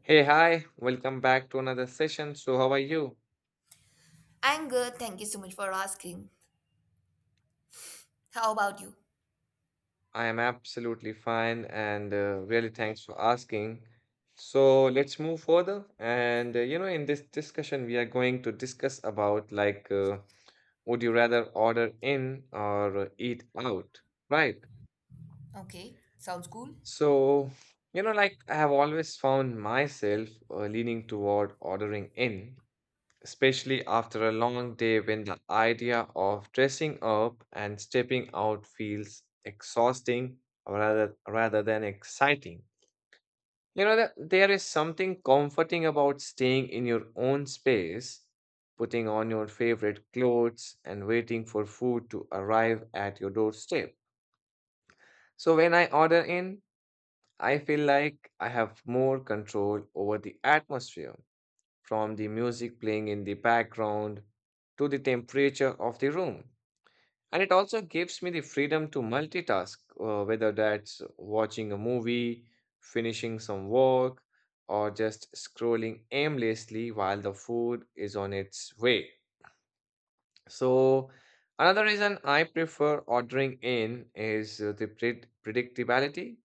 Hey, hi, welcome back to another session. So, how are you? I'm good. Thank you so much for asking. How about you? I am absolutely fine and really thanks for asking. So, let's move further. In this discussion, we are going to discuss about would you rather order in or eat out, right? Okay, sounds cool. So, like I have always found myself leaning toward ordering in especially after a long day when the idea of dressing up and stepping out feels exhausting rather than exciting. You know that there is something comforting about staying in your own space, putting on your favorite clothes and waiting for food to arrive at your doorstep. So when I order in, I feel like I have more control over the atmosphere from the music playing in the background to the temperature of the room. And it also gives me the freedom to multitask, whether that's watching a movie, finishing some work, or just scrolling aimlessly while the food is on its way. So, another reason I prefer ordering in is the predictability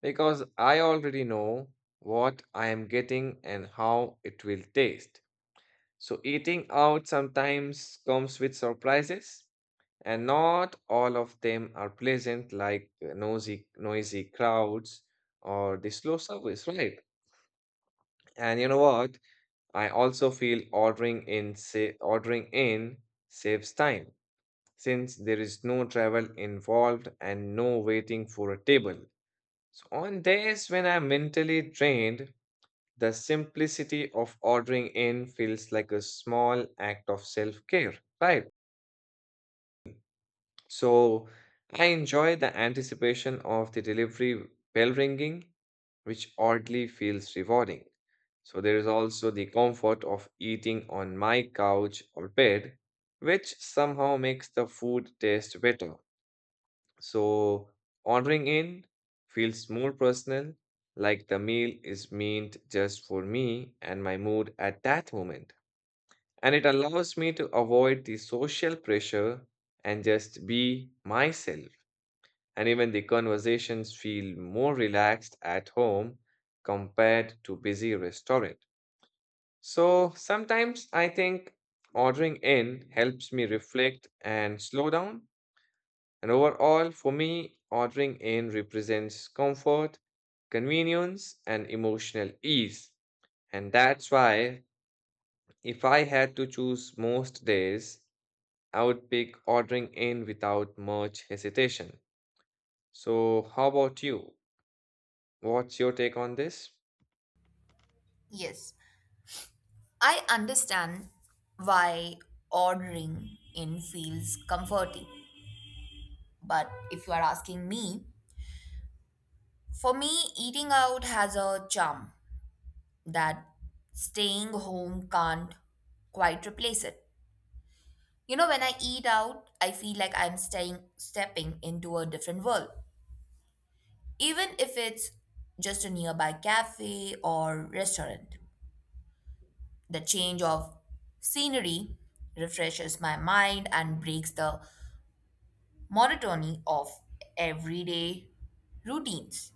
because I already know what I am getting and how it will taste. So eating out sometimes comes with surprises, and not all of them are pleasant, like noisy crowds or the slow service, right? And you know what? I also feel ordering in saves time since there is no travel involved and no waiting for a table. So on days when I'm mentally drained, the simplicity of ordering in feels like a small act of self-care, right? So I enjoy the anticipation of the delivery bell ringing, which oddly feels rewarding. So there is also the comfort of eating on my couch or bed, which somehow makes the food taste better. So ordering in feels more personal, like the meal is meant just for me and my mood at that moment. And it allows me to avoid the social pressure and just be myself and even the conversations feel more relaxed at home compared to busy restaurant. So sometimes I think ordering in helps me reflect and slow down. And overall, for me, ordering in represents comfort, convenience, and emotional ease. And that's why if I had to choose most days, I would pick ordering in without much hesitation. So, how about you? What's your take on this? Yes. I understand why ordering in feels comforting. But if you are asking me, for me, eating out has a charm that staying home can't quite replace it. You know, when I eat out, I feel like stepping into a different world, even if it's just a nearby cafe or restaurant. The change of scenery refreshes my mind and breaks the monotony of everyday routines.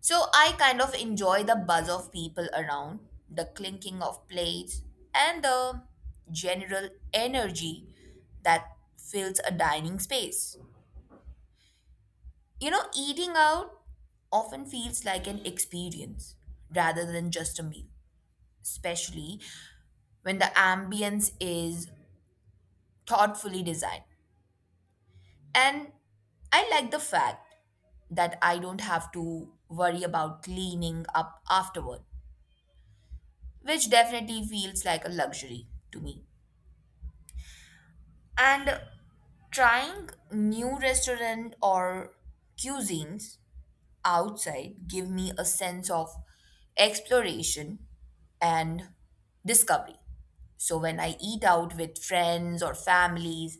So I kind of enjoy the buzz of people around, the clinking of plates, and the general energy that fills a dining space. You know, eating out often feels like an experience rather than just a meal, especially when the ambience is thoughtfully designed. And I like the fact that I don't have to worry about cleaning up afterward, which definitely feels like a luxury to me. And trying new restaurant or cuisines outside give me a sense of exploration and discovery. So when I eat out with friends or families,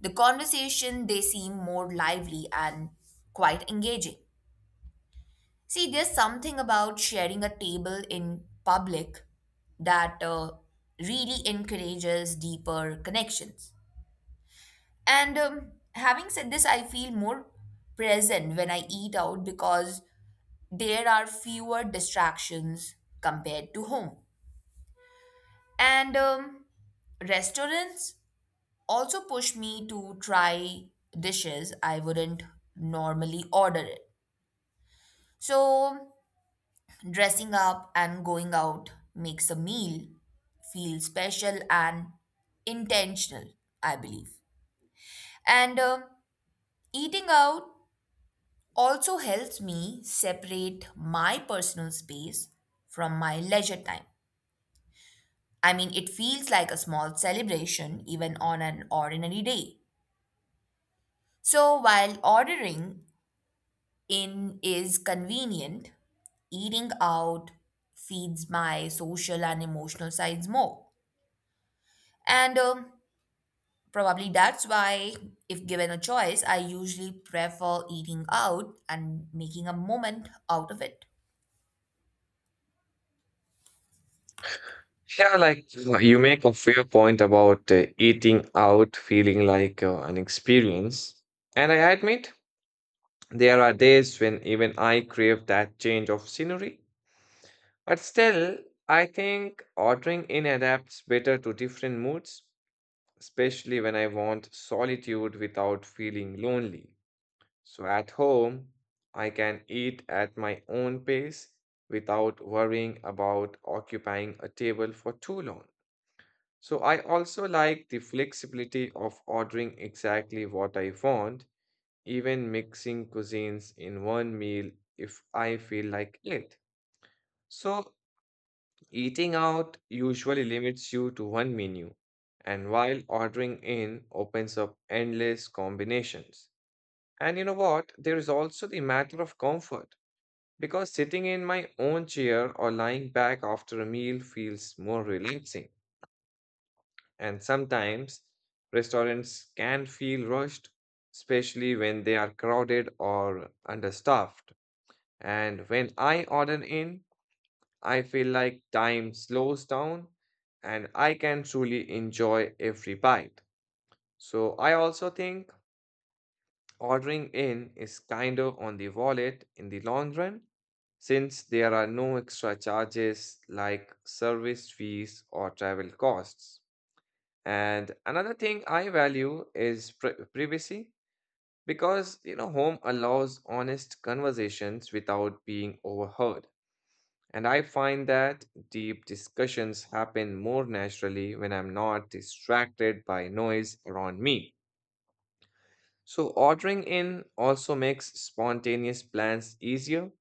the conversation they seem more lively and quite engaging. See, there's something about sharing a table in public that really encourages deeper connections. And having said this, I feel more present when I eat out because there are fewer distractions compared to home. And restaurants also push me to try dishes I wouldn't normally order it. So dressing up and going out makes a meal feel special and intentional, I believe. And eating out also helps me separate my personal space from my leisure time. I mean, it feels like a small celebration even on an ordinary day. So while ordering in is convenient, eating out feeds my social and emotional sides more. And Probably that's why, if given a choice, I usually prefer eating out and making a moment out of it. Yeah, like you make a fair point about eating out feeling like an experience. And I admit there are days when even I crave that change of scenery. But still, I think ordering in adapts better to different moods, especially when I want solitude without feeling lonely. So at home, I can eat at my own pace without worrying about occupying a table for too long. So I also like the flexibility of ordering exactly what I want, even mixing cuisines in one meal if I feel like it. So eating out usually limits you to one menu, and while ordering in opens up endless combinations. And you know what? There is also the matter of comfort, because sitting in my own chair or lying back after a meal feels more relaxing. And sometimes restaurants can feel rushed, especially when they are crowded or understaffed. And when I order in, I feel like time slows down and I can truly enjoy every bite. So I also think ordering in is kinder on the wallet in the long run since there are no extra charges like service fees or travel costs. And another thing I value is privacy because you know home allows honest conversations without being overheard. And I find that deep discussions happen more naturally when I'm not distracted by noise around me. So, ordering in also makes spontaneous plans easier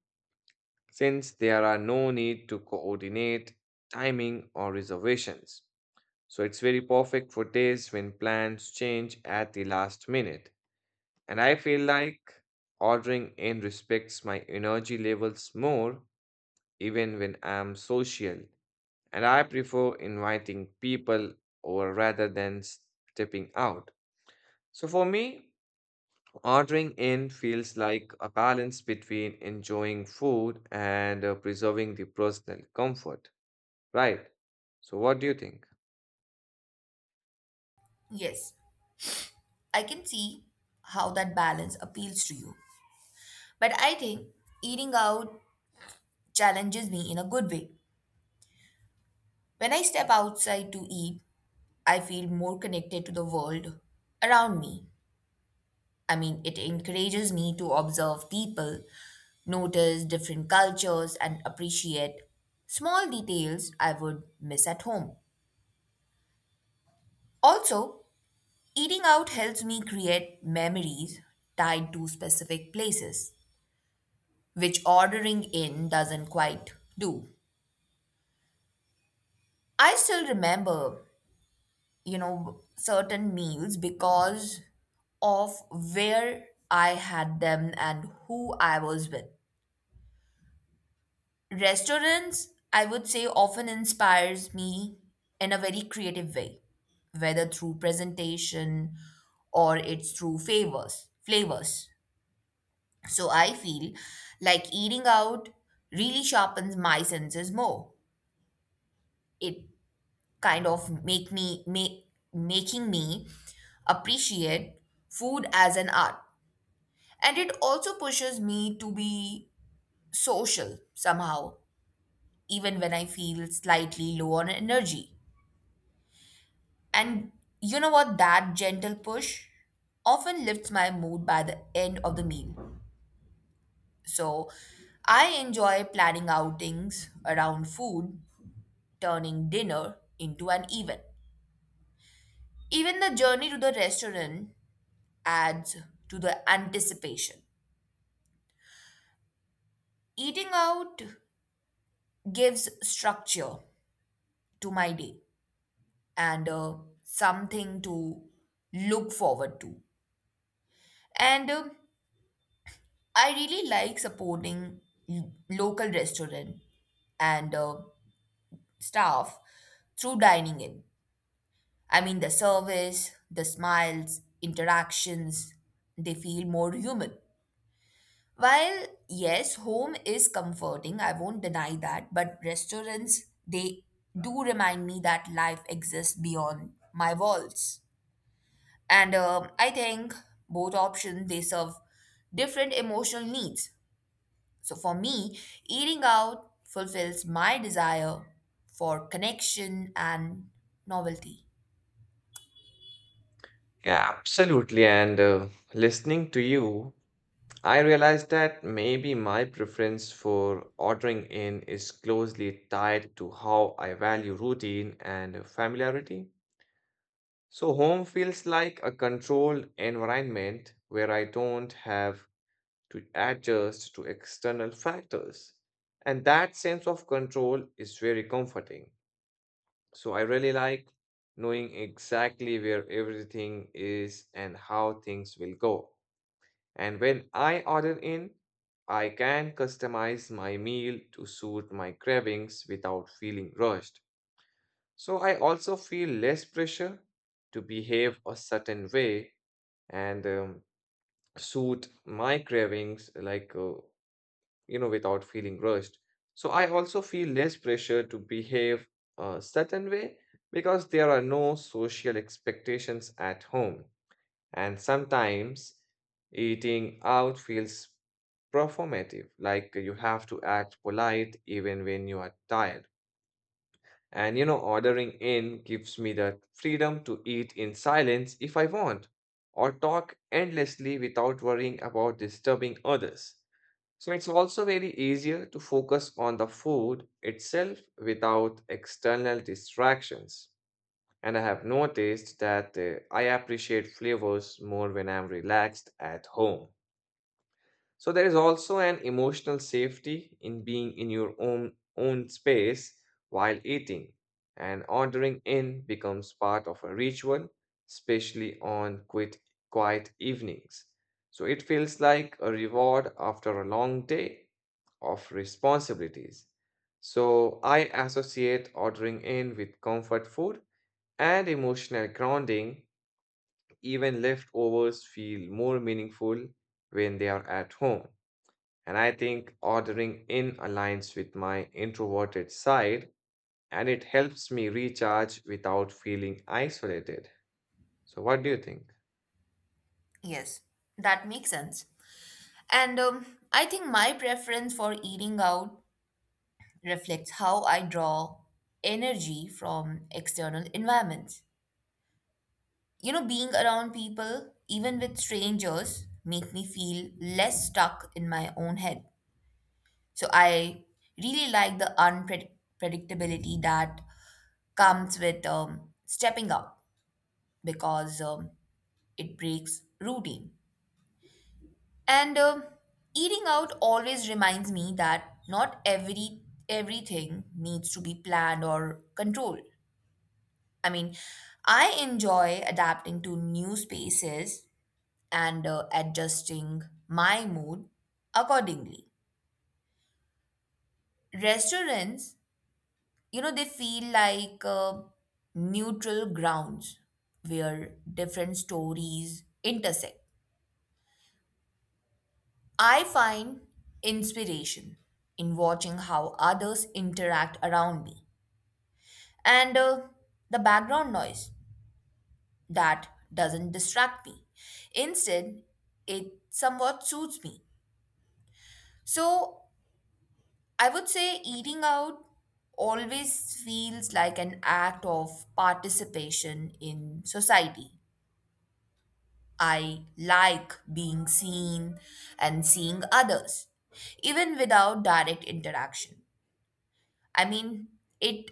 since there are no need to coordinate timing or reservations. So, it's very perfect for days when plans change at the last minute. And I feel like ordering in respects my energy levels more even when I'm social. And I prefer inviting people over rather than stepping out. So, for me, ordering in feels like a balance between enjoying food and preserving the personal comfort, right? So, what do you think? Yes, I can see how that balance appeals to you. But I think eating out challenges me in a good way. When I step outside to eat, I feel more connected to the world around me. I mean, it encourages me to observe people, notice different cultures, and appreciate small details I would miss at home. Also, eating out helps me create memories tied to specific places, which ordering in doesn't quite do. I still remember, you know, certain meals because of where I had them and who I was with. Restaurants, I would say, often inspires me in a very creative way, whether through presentation or flavors. So I feel like eating out really sharpens my senses more. It kind of make me make making me appreciate food as an art. And it also pushes me to be social somehow, even when I feel slightly low on energy. And you know what? That gentle push often lifts my mood by the end of the meal. So I enjoy planning outings around food, turning dinner into an event. Even the journey to the restaurant adds to the anticipation. Eating out gives structure to my day and something to look forward to. And I really like supporting local restaurant and staff through dining in. I mean, the service, the smiles, interactions, they feel more human. While, yes, home is comforting, I won't deny that, but restaurants, they do remind me that life exists beyond my walls. And I think both options, they serve different emotional needs. So for me, eating out fulfills my desire for connection and novelty. Yeah, absolutely. And listening to you, I realized that maybe my preference for ordering in is closely tied to how I value routine and familiarity. So, home feels like a controlled environment where I don't have to adjust to external factors. And that sense of control is very comforting. So I really like knowing exactly where everything is and how things will go. And when I order in, I can customize my meal to suit my cravings without feeling rushed. So I also feel less pressure to behave a certain way and suit my cravings like without feeling rushed. So I also feel less pressure to behave a certain way because there are no social expectations at home. And sometimes eating out feels performative, like you have to act polite even when you are tired. And you know, ordering in gives me the freedom to eat in silence if I want, or talk endlessly without worrying about disturbing others. So it's also very easier to focus on the food itself without external distractions. And I have noticed that I appreciate flavors more when I'm relaxed at home. So there is also an emotional safety in being in your own space while eating, and ordering in becomes part of a ritual, especially on quiet evenings. So it feels like a reward after a long day of responsibilities. So I associate ordering in with comfort food and emotional grounding. Even leftovers feel more meaningful when they are at home. And I think ordering in aligns with my introverted side and it helps me recharge without feeling isolated. So, what do you think? Yes, that makes sense. And I think my preference for eating out reflects how I draw energy from external environments. You know, being around people, even with strangers, make me feel less stuck in my own head. So I really like the unpredictability that comes with stepping up because it breaks routine. And eating out always reminds me that not every everything needs to be planned or controlled. I mean, I enjoy adapting to new spaces and adjusting my mood accordingly. Restaurants, you know, they feel like neutral grounds where different stories intersect. I find inspiration in watching how others interact around me and the background noise that doesn't distract me. Instead, it somewhat suits me. So I would say eating out always feels like an act of participation in society. I like being seen and seeing others, even without direct interaction. I mean, it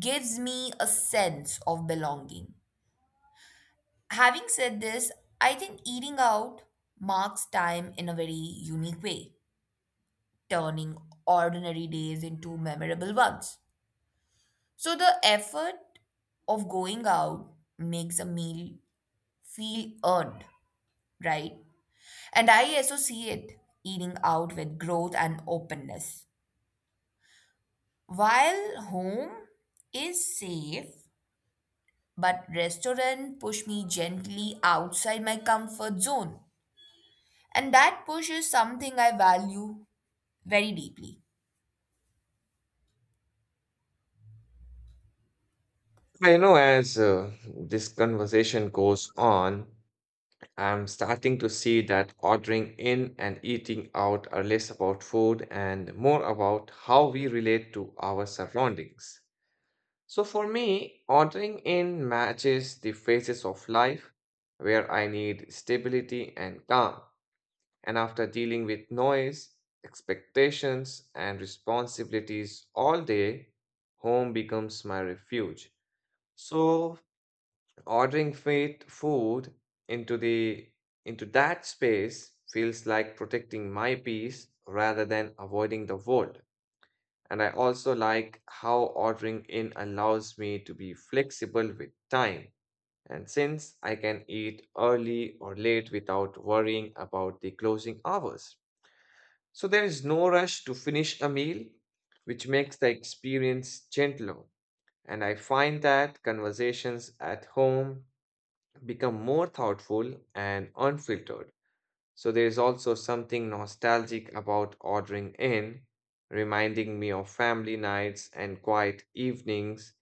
gives me a sense of belonging. Having said this, I think eating out marks time in a very unique way, turning ordinary days into memorable ones. So the effort of going out makes a meal feel earned, right? And I associate eating out with growth and openness. While home is safe, but restaurant push me gently outside my comfort zone. And that push is something I value very deeply. I know as this conversation goes on, I'm starting to see that ordering in and eating out are less about food and more about how we relate to our surroundings. So, for me, ordering in matches the phases of life where I need stability and calm. And after dealing with noise, expectations, and responsibilities all day, home becomes my refuge. So ordering fit food into the into that space feels like protecting my peace rather than avoiding the world. And I also like how ordering in allows me to be flexible with time. And since I can eat early or late without worrying about the closing hours. So there is no rush to finish a meal, which makes the experience gentler. And I find that conversations at home become more thoughtful and unfiltered. So there is also something nostalgic about ordering in, reminding me of family nights and quiet evenings,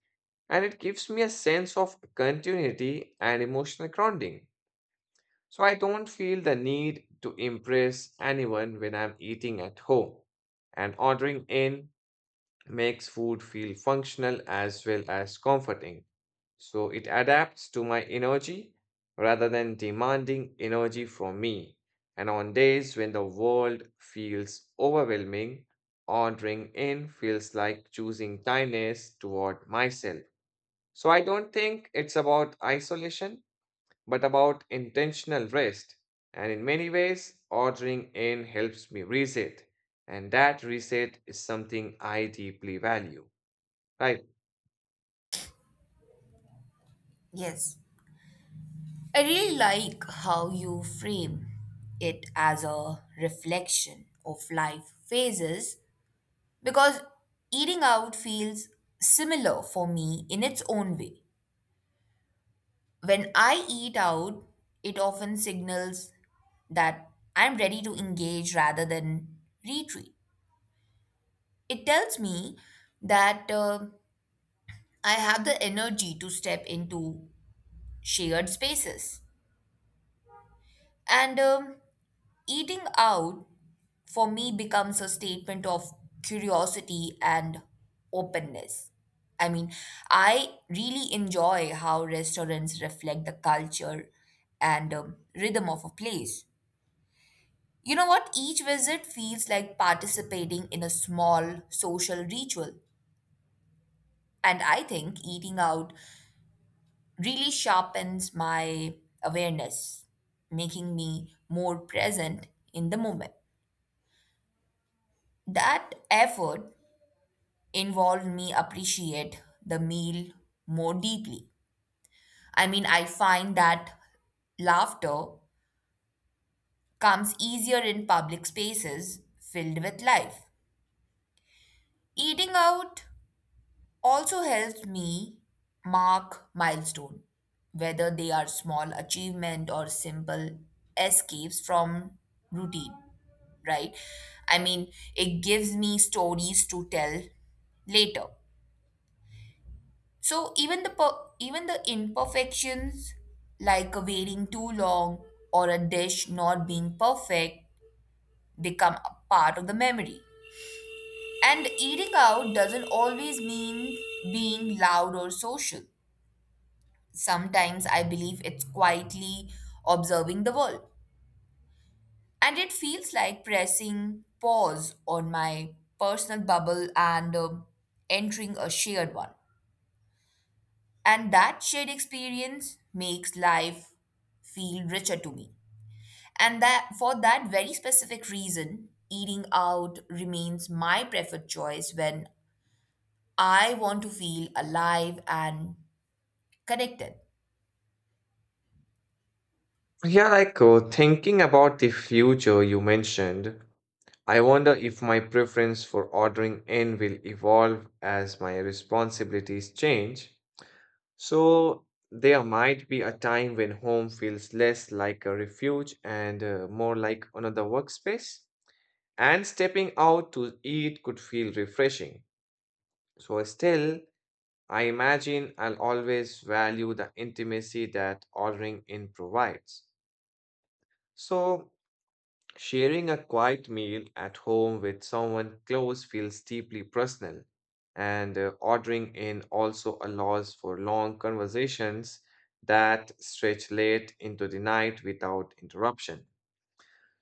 and it gives me a sense of continuity and emotional grounding. So I don't feel the need to impress anyone when I'm eating at home. And ordering in makes food feel functional as well as comforting. So it adapts to my energy rather than demanding energy from me. And on days when the world feels overwhelming, ordering in feels like choosing kindness toward myself. So I don't think it's about isolation but about intentional rest. And in many ways, ordering in helps me reset. And that reset is something I deeply value. Right. Yes. I really like how you frame it as a reflection of life phases because eating out feels similar for me in its own way. When I eat out, it often signals that I'm ready to engage rather than retreat. It tells me that I have the energy to step into shared spaces. And eating out for me becomes a statement of curiosity and openness. I mean, I really enjoy how restaurants reflect the culture and rhythm of a place. You know what? Each visit feels like participating in a small social ritual. And I think eating out really sharpens my awareness, making me more present in the moment. That effort involved me appreciate the meal more deeply. I mean, I find that laughter comes easier in public spaces filled with life. Eating out also helps me mark milestone, whether they are small achievement or simple escapes from routine, right? I mean, it gives me stories to tell later. So even even the imperfections like a waiting too long or a dish not being perfect become a part of the memory. And eating out doesn't always mean being loud or social. Sometimes I believe it's quietly observing the world. And it feels like pressing pause on my personal bubble and entering a shared one. And that shared experience makes life feel richer to me. And that for that very specific reason, eating out remains my preferred choice when I want to feel alive and connected. Yeah, like thinking about the future you mentioned, I wonder if my preference for ordering in will evolve as my responsibilities change. So there might be a time when home feels less like a refuge and more like another workspace, and stepping out to eat could feel refreshing. So, still, I imagine I'll always value the intimacy that ordering in provides. So, sharing a quiet meal at home with someone close feels deeply personal, and ordering in also allows for long conversations that stretch late into the night without interruption.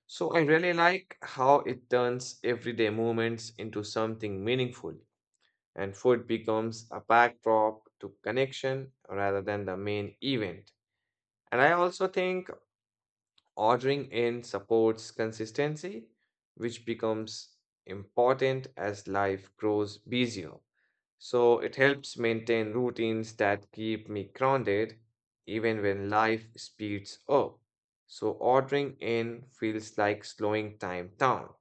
So, I really like how it turns everyday moments into something meaningful, and food becomes a backdrop to connection rather than the main event. And I also think ordering in supports consistency, which becomes important as life grows busier. So it helps maintain routines that keep me grounded even when life speeds up. So ordering in feels like slowing time down.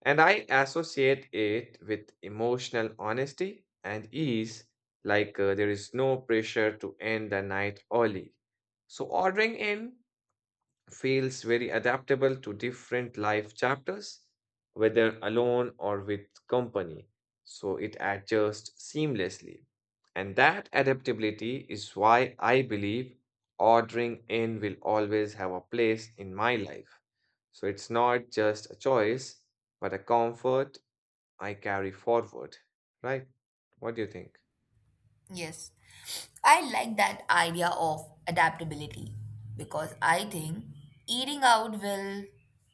And I associate it with emotional honesty and ease, like there is no pressure to end the night early. So, ordering in feels very adaptable to different life chapters, whether alone or with company. So, it adjusts seamlessly. And that adaptability is why I believe ordering in will always have a place in my life. So, it's not just a choice, but a comfort I carry forward, right? What do you think? Yes. I like that idea of adaptability because I think eating out will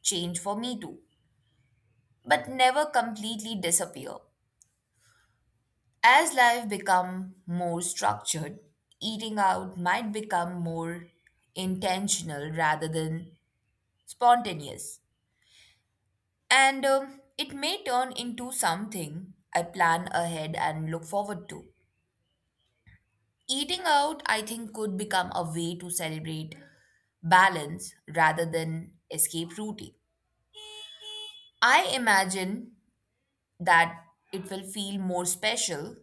change for me too, but never completely disappear. As life become more structured, eating out might become more intentional rather than spontaneous. And It may turn into something I plan ahead and look forward to. Eating out, I think, could become a way to celebrate balance rather than escape routine. I imagine that it will feel more special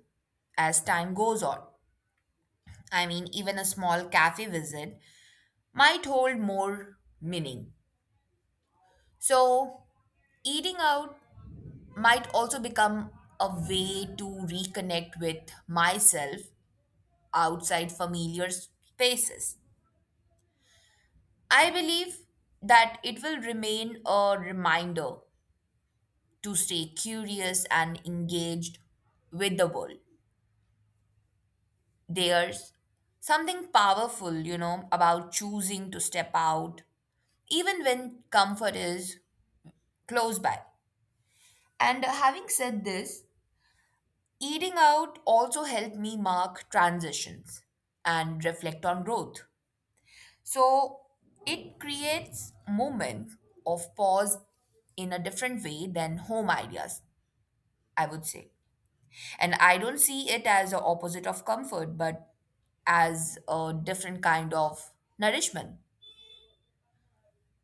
as time goes on. I mean, even a small cafe visit might hold more meaning. So, eating out might also become a way to reconnect with myself outside familiar spaces. I believe that it will remain a reminder to stay curious and engaged with the world. There's something powerful, you know, about choosing to step out, even when comfort is close by. And having said this, eating out also helped me mark transitions and reflect on growth. So it creates moments of pause in a different way than home ideas, I would say. And I don't see it as the opposite of comfort, but as a different kind of nourishment.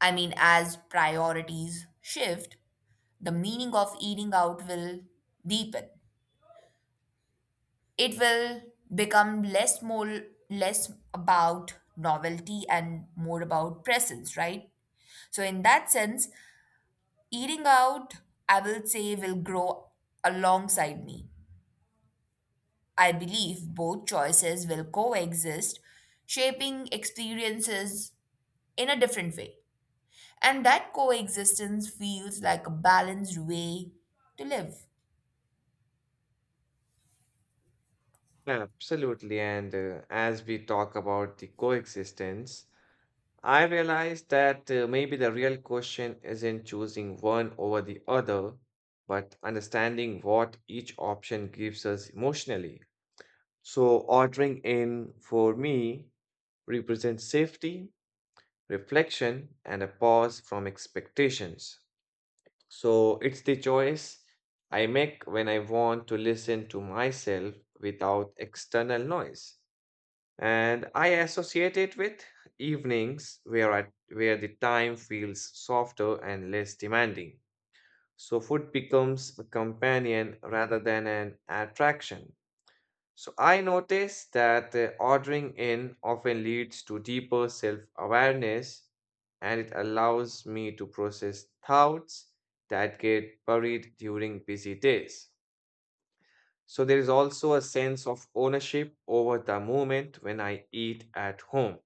I mean, as priorities shift, the meaning of eating out will deepen. It will become less about novelty and more about presence, right? So in that sense, eating out, I will say, will grow alongside me. I believe both choices will coexist, shaping experiences in a different way. And that coexistence feels like a balanced way to live. Absolutely. And as we talk about the coexistence, I realize that maybe the real question isn't choosing one over the other, but understanding what each option gives us emotionally. So, ordering in for me represents safety, reflection, and a pause from expectations. So it's the choice I make when I want to listen to myself without external noise. And I associate it with evenings where the time feels softer and less demanding. So food becomes a companion rather than an attraction. So I notice that ordering in often leads to deeper self-awareness and it allows me to process thoughts that get buried during busy days. So there is also a sense of ownership over the moment when I eat at home.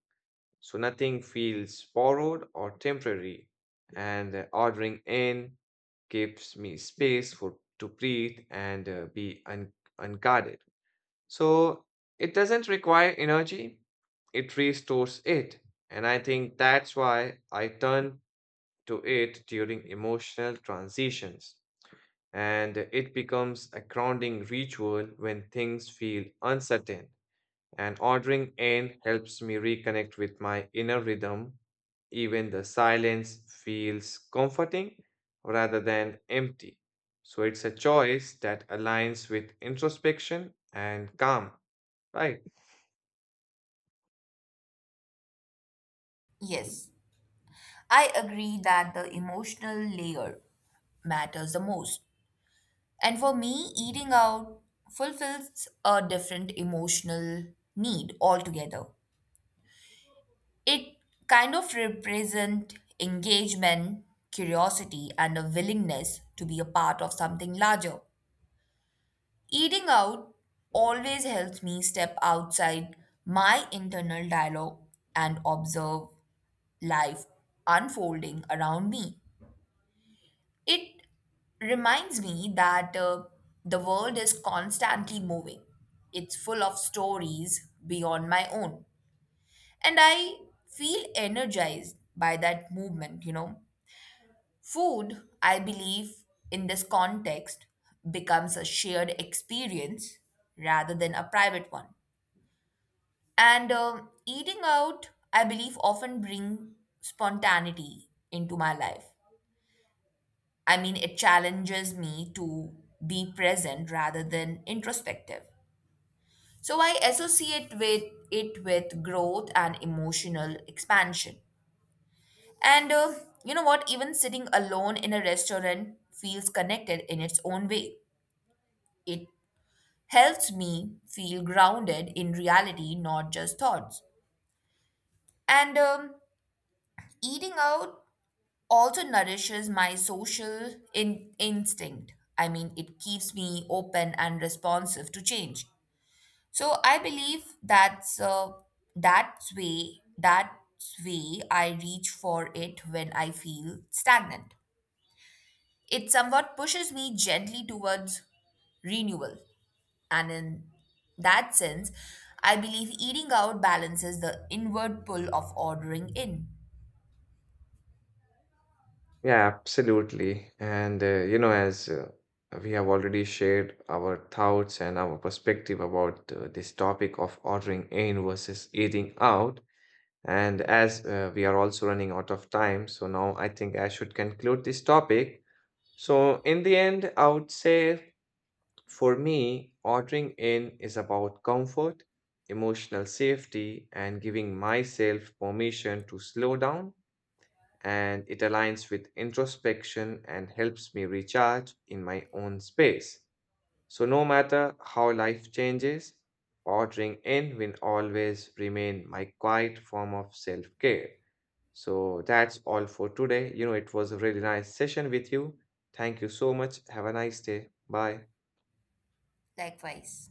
So nothing feels borrowed or temporary. And ordering in gives me space for to breathe and unguarded. So it doesn't require energy, it restores it. And I think that's why I turn to it during emotional transitions. And it becomes a grounding ritual when things feel uncertain. And ordering in helps me reconnect with my inner rhythm. Even the silence feels comforting rather than empty. So it's a choice that aligns with introspection and calm, right? Yes, I agree that the emotional layer matters the most. And for me, eating out fulfills a different emotional need altogether. It kind of represents engagement, curiosity, and a willingness to be a part of something larger. Eating out always helps me step outside my internal dialogue and observe life unfolding around me. It reminds me that the world is constantly moving. It's full of stories beyond my own. And I feel energized by that movement, you know. Food, I believe, in this context, becomes a shared experience rather than a private one. And eating out, I believe, often bring spontaneity into my life. I mean, it challenges me to be present rather than introspective. So I associate with it with growth and emotional expansion. And you know what? Even sitting alone in a restaurant feels connected in its own way. It helps me feel grounded in reality, not just thoughts. And eating out also nourishes my social instinct. I mean, it keeps me open and responsive to change. So I believe that's way I reach for it when I feel stagnant. It somewhat pushes me gently towards renewal, and in that sense, I believe eating out balances the inward pull of ordering in. Yeah, absolutely. And, you know, as we have already shared our thoughts and our perspective about this topic of ordering in versus eating out, and as we are also running out of time, so now I think I should conclude this topic. So, in the end, I would say for me, ordering in is about comfort, emotional safety, and giving myself permission to slow down and it aligns with introspection and helps me recharge in my own space. So, no matter how life changes, ordering in will always remain my quiet form of self care. So, that's all for today. You know, it was a really nice session with you. Thank you so much. Have a nice day. Bye. Likewise.